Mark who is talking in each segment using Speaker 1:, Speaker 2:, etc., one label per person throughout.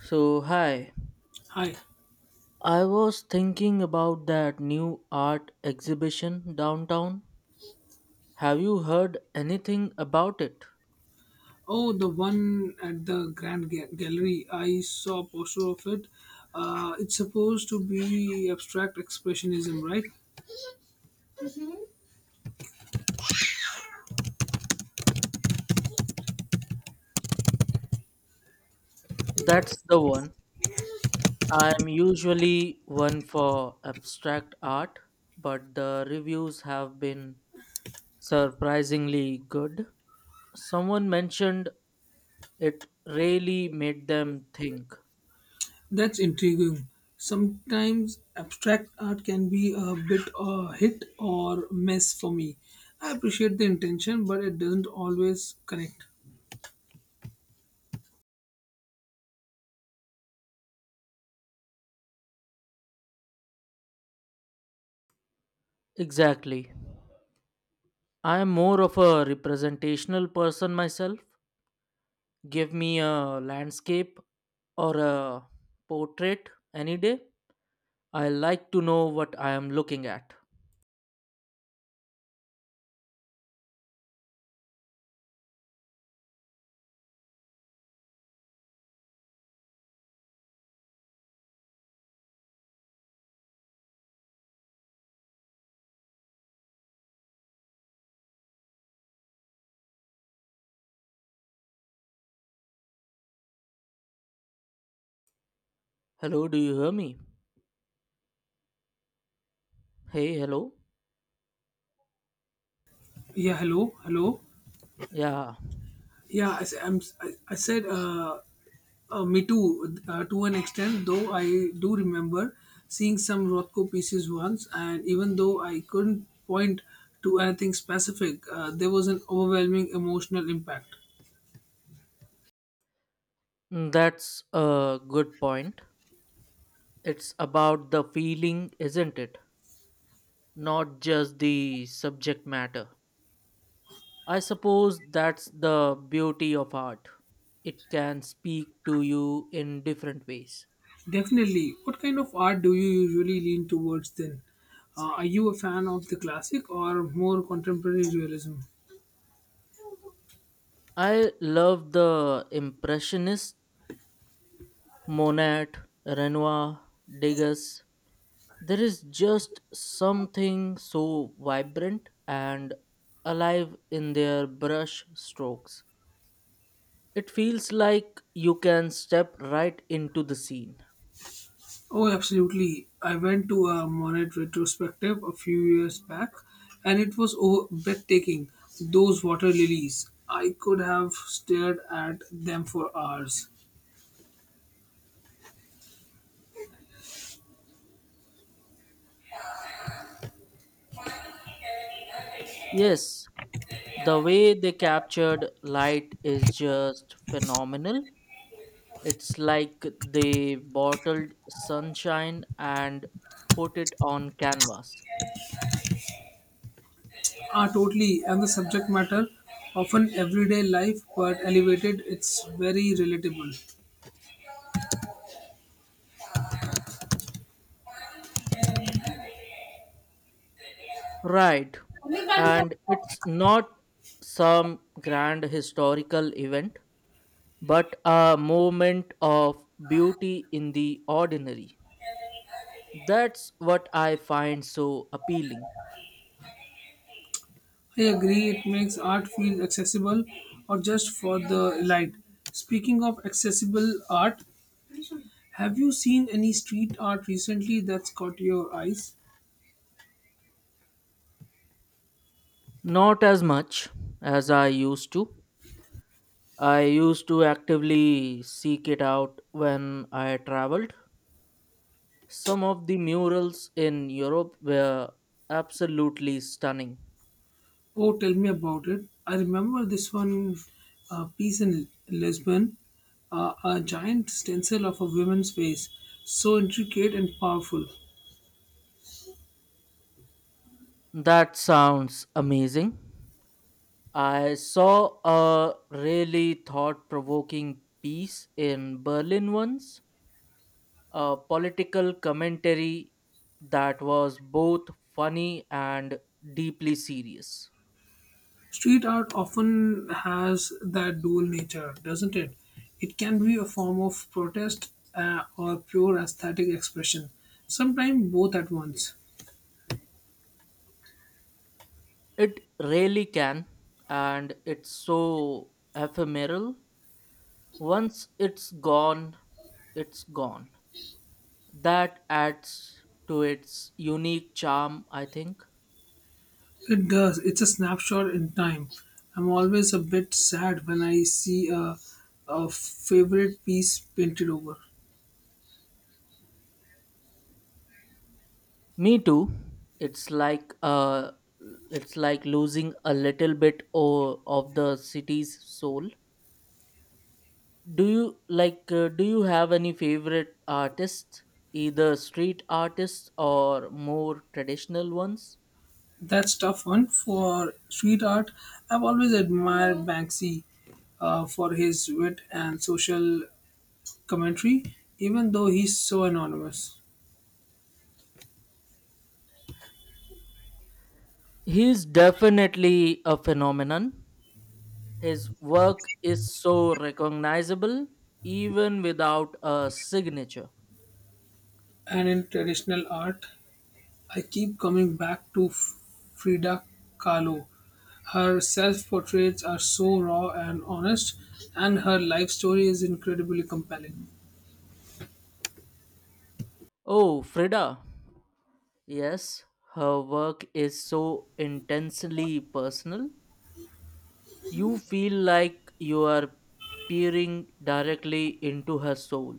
Speaker 1: So, hi.
Speaker 2: Hi.
Speaker 1: I was thinking about that new art exhibition downtown. Have you heard anything about it?
Speaker 2: Oh, the one at the Grand Gallery. I saw a poster of it. It's supposed to be abstract expressionism, right?
Speaker 1: That's the one. I am usually one for abstract art, but the reviews have been surprisingly good. Someone mentioned it really made them think.
Speaker 2: That's intriguing. Sometimes abstract art can be a bit hit or miss for me. I appreciate the intention, but it doesn't always connect.
Speaker 1: Exactly. I am more of a representational person myself, give me a landscape or a portrait any day. I like to know what I am looking at. Hello, do you hear me? Hey, hello.
Speaker 2: Yeah, hello, hello.
Speaker 1: Yeah,
Speaker 2: Yeah, I, s- I'm, I said me too, to an extent, though I do remember seeing some Rothko pieces once, and even though I couldn't point to anything specific, there was an overwhelming emotional impact.
Speaker 1: mm, that's a good point. It's about the feeling, isn't it? Not just the subject matter. I suppose that's the beauty of art. It can speak to you in different ways.
Speaker 2: Definitely. What kind of art do you usually lean towards then? Are you a fan of the classic or more contemporary realism?
Speaker 1: I love the impressionists. Monet, Renoir, Degas. There is just something so vibrant and alive in their brush strokes. It feels like you can step right into the scene.
Speaker 2: Oh, absolutely. I went to a Monet retrospective a few years back, and it was breathtaking. Those water lilies, I could have stared at them for hours.
Speaker 1: Yes, the way they captured light is just phenomenal. It's like they bottled sunshine and put it on canvas.
Speaker 2: Ah, totally. And the subject matter, often everyday life but elevated, it's very relatable.
Speaker 1: Right. And it's not some grand historical event, but a moment of beauty in the ordinary. That's what I find so appealing.
Speaker 2: I agree, it makes art feel accessible or just for the light. Speaking of accessible art, have you seen any street art recently that's caught your eyes?
Speaker 1: Not as much as I used to. I used to actively seek it out when I traveled. Some of the murals in Europe were absolutely stunning.
Speaker 2: Oh, tell me about it. I remember this one piece in Lisbon, a giant stencil of a woman's face, so intricate and powerful.
Speaker 1: That sounds amazing. I saw a really thought provoking piece in Berlin once, a political commentary that was both funny and deeply serious.
Speaker 2: Street art often has that dual nature, doesn't it? It can be a form of protest, or pure aesthetic expression, sometimes both at once.
Speaker 1: It really can, and it's so ephemeral. Once it's gone, it's gone. That adds to its unique charm, I think.
Speaker 2: It does. It's a snapshot in time. I'm always a bit sad when I see a favorite piece painted over.
Speaker 1: Me too. It's like uh it's like losing a little bit of the city's soul. Do you like do you have any favorite artists, either street artists or more traditional ones?
Speaker 2: That's tough one for street art. I've always admired Banksy for his wit and social commentary, even though he's so anonymous.
Speaker 1: He's definitely a phenomenon. His work is so recognizable even without a signature.
Speaker 2: And in traditional art, I keep coming back to Frida Kahlo. Her self portraits are so raw and honest, and her life story is incredibly compelling.
Speaker 1: Oh, Frida. Yes, her work is so intensely personal. You feel like you are peering directly into her soul.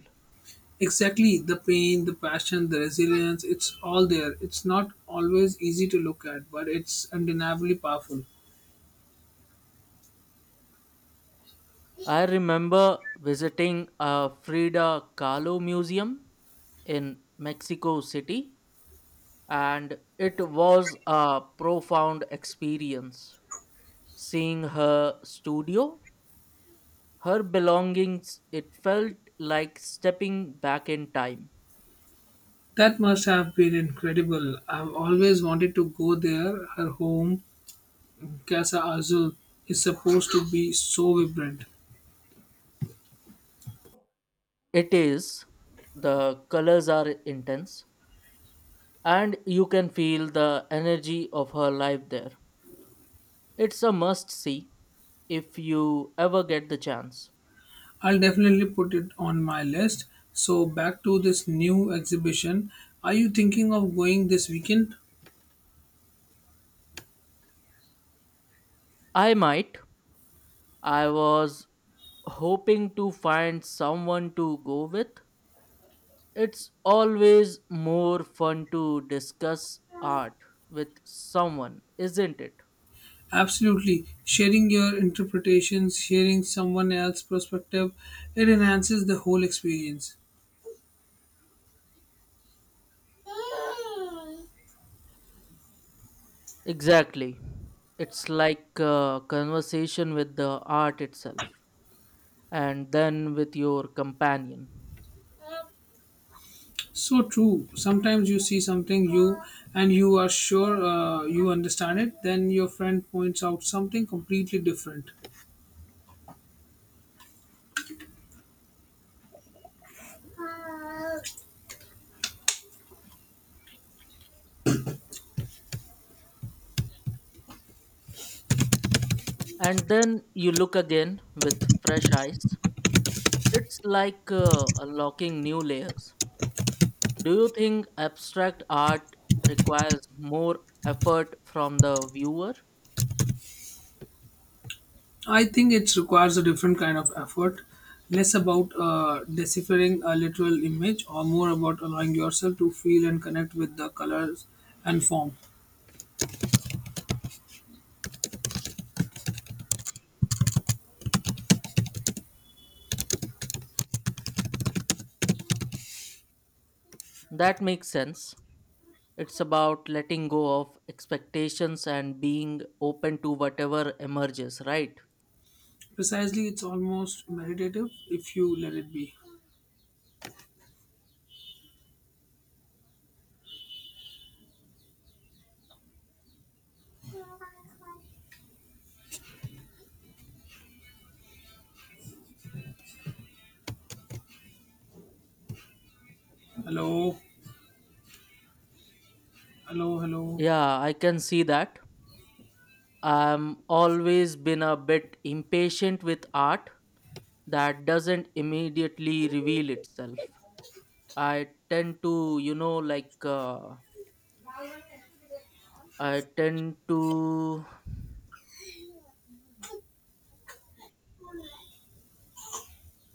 Speaker 2: Exactly, the pain, the passion, the resilience, it's all there. It's not always easy to look at, but it's undeniably powerful.
Speaker 1: I remember visiting a Frida Kahlo museum in Mexico City, and it was a profound experience. Seeing her studio, her belongings, it felt like stepping back in time.
Speaker 2: That must have been incredible. I've always wanted to go there. Her home, Casa Azul, is supposed to be so vibrant.
Speaker 1: It is. The colors are intense, and you can feel the energy of her life there. It's a must see if you ever get the chance.
Speaker 2: I'll definitely put it on my list. So, back to this new exhibition. Are you thinking of going this weekend?
Speaker 1: I might. I was hoping to find someone to go with. It's always more fun to discuss art with someone, isn't it?
Speaker 2: Absolutely. Sharing your interpretations, sharing someone else's perspective, it enhances the whole experience.
Speaker 1: Exactly. It's like a conversation with the art itself, and then with your companion.
Speaker 2: So true. Sometimes you see something you and you are sure, you understand it, then your friend points out something completely different.
Speaker 1: And then you look again with fresh eyes. It's like Unlocking new layers. Do you think abstract art requires more effort from the viewer?
Speaker 2: I think it requires a different kind of effort, less about deciphering a literal image or more about allowing yourself to feel and connect with the colors and form.
Speaker 1: That makes sense. It's about letting go of expectations and being open to whatever emerges, right?
Speaker 2: Precisely, it's almost meditative if you let it be. Hello, hello, hello.
Speaker 1: Yeah, I can see that. I'm always been a bit impatient with art that doesn't immediately reveal itself. I tend to, you know, like I tend to.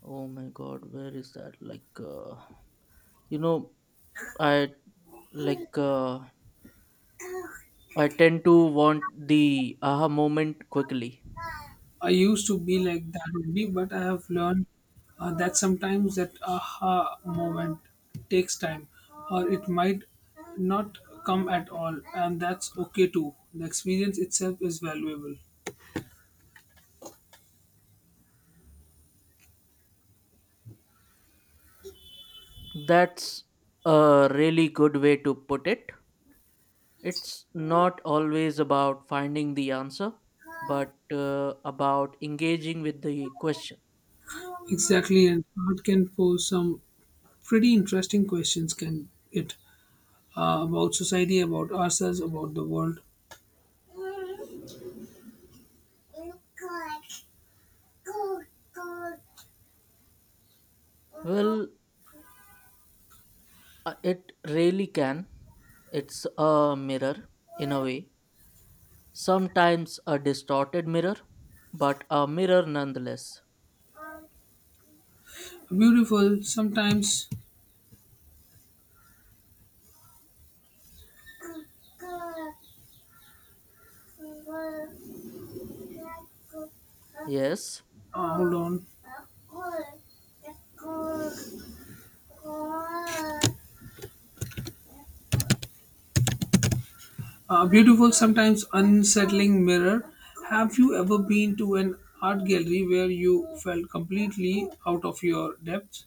Speaker 1: Oh my God, where is that? You know, I like uh, I tend to want the aha moment quickly.
Speaker 2: I used to be like that only, but I have learned that sometimes that aha moment takes time, or it might not come at all, and that's okay too. The experience itself is valuable.
Speaker 1: That's a really good way to put it. It's not always about finding the answer, but about engaging with the question.
Speaker 2: Exactly, and art can pose some pretty interesting questions, can it? About society, about ourselves, about the world.
Speaker 1: Well, it really can. It's a mirror, in a way. Sometimes a distorted mirror, but a mirror nonetheless.
Speaker 2: Beautiful, sometimes,
Speaker 1: Yes.
Speaker 2: hold on. A beautiful, sometimes unsettling mirror. Have you ever been to an art gallery where you felt completely out of your depth?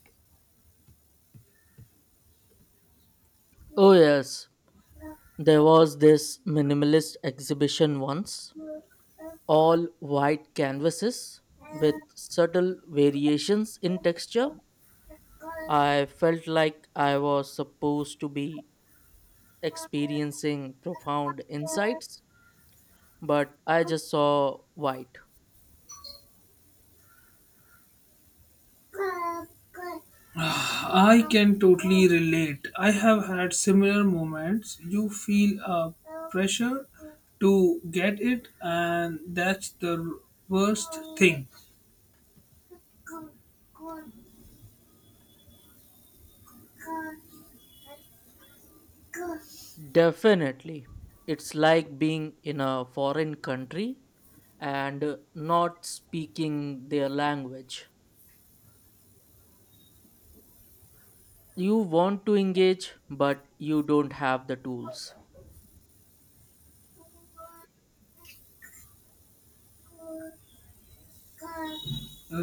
Speaker 1: Oh, yes. There was this minimalist exhibition once, all white canvases with subtle variations in texture. I felt like I was supposed to be experiencing profound insights, but I just saw white.
Speaker 2: I can totally relate. I have had similar moments. You feel a pressure to get it, and that's the worst thing.
Speaker 1: Definitely. It's like being in a foreign country and not speaking their language. You want to engage, but you don't have the tools.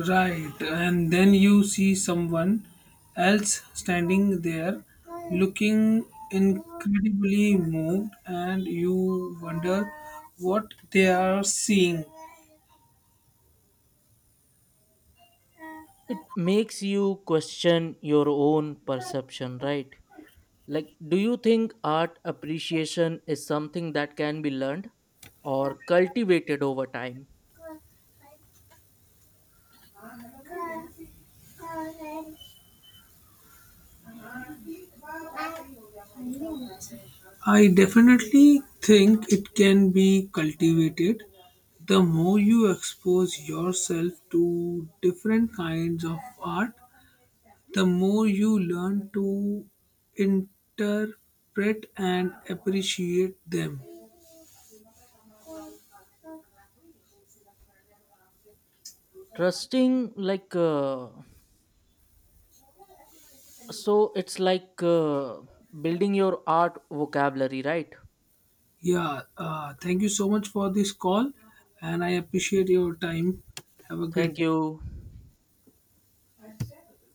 Speaker 2: Right, and then you see someone else standing there looking incredibly moved, and you wonder what they are seeing.
Speaker 1: It makes you question your own perception, right? Like, do you think art appreciation is something that can be learned or cultivated over time?
Speaker 2: I definitely think it can be cultivated. The more you expose yourself to different kinds of art, the more you learn to interpret and appreciate them.
Speaker 1: Trusting, like, uh, so it's like building your art vocabulary, right?
Speaker 2: Yeah, thank you so much for this call, and I appreciate your time. Have a great
Speaker 1: Thank
Speaker 2: day.
Speaker 1: you.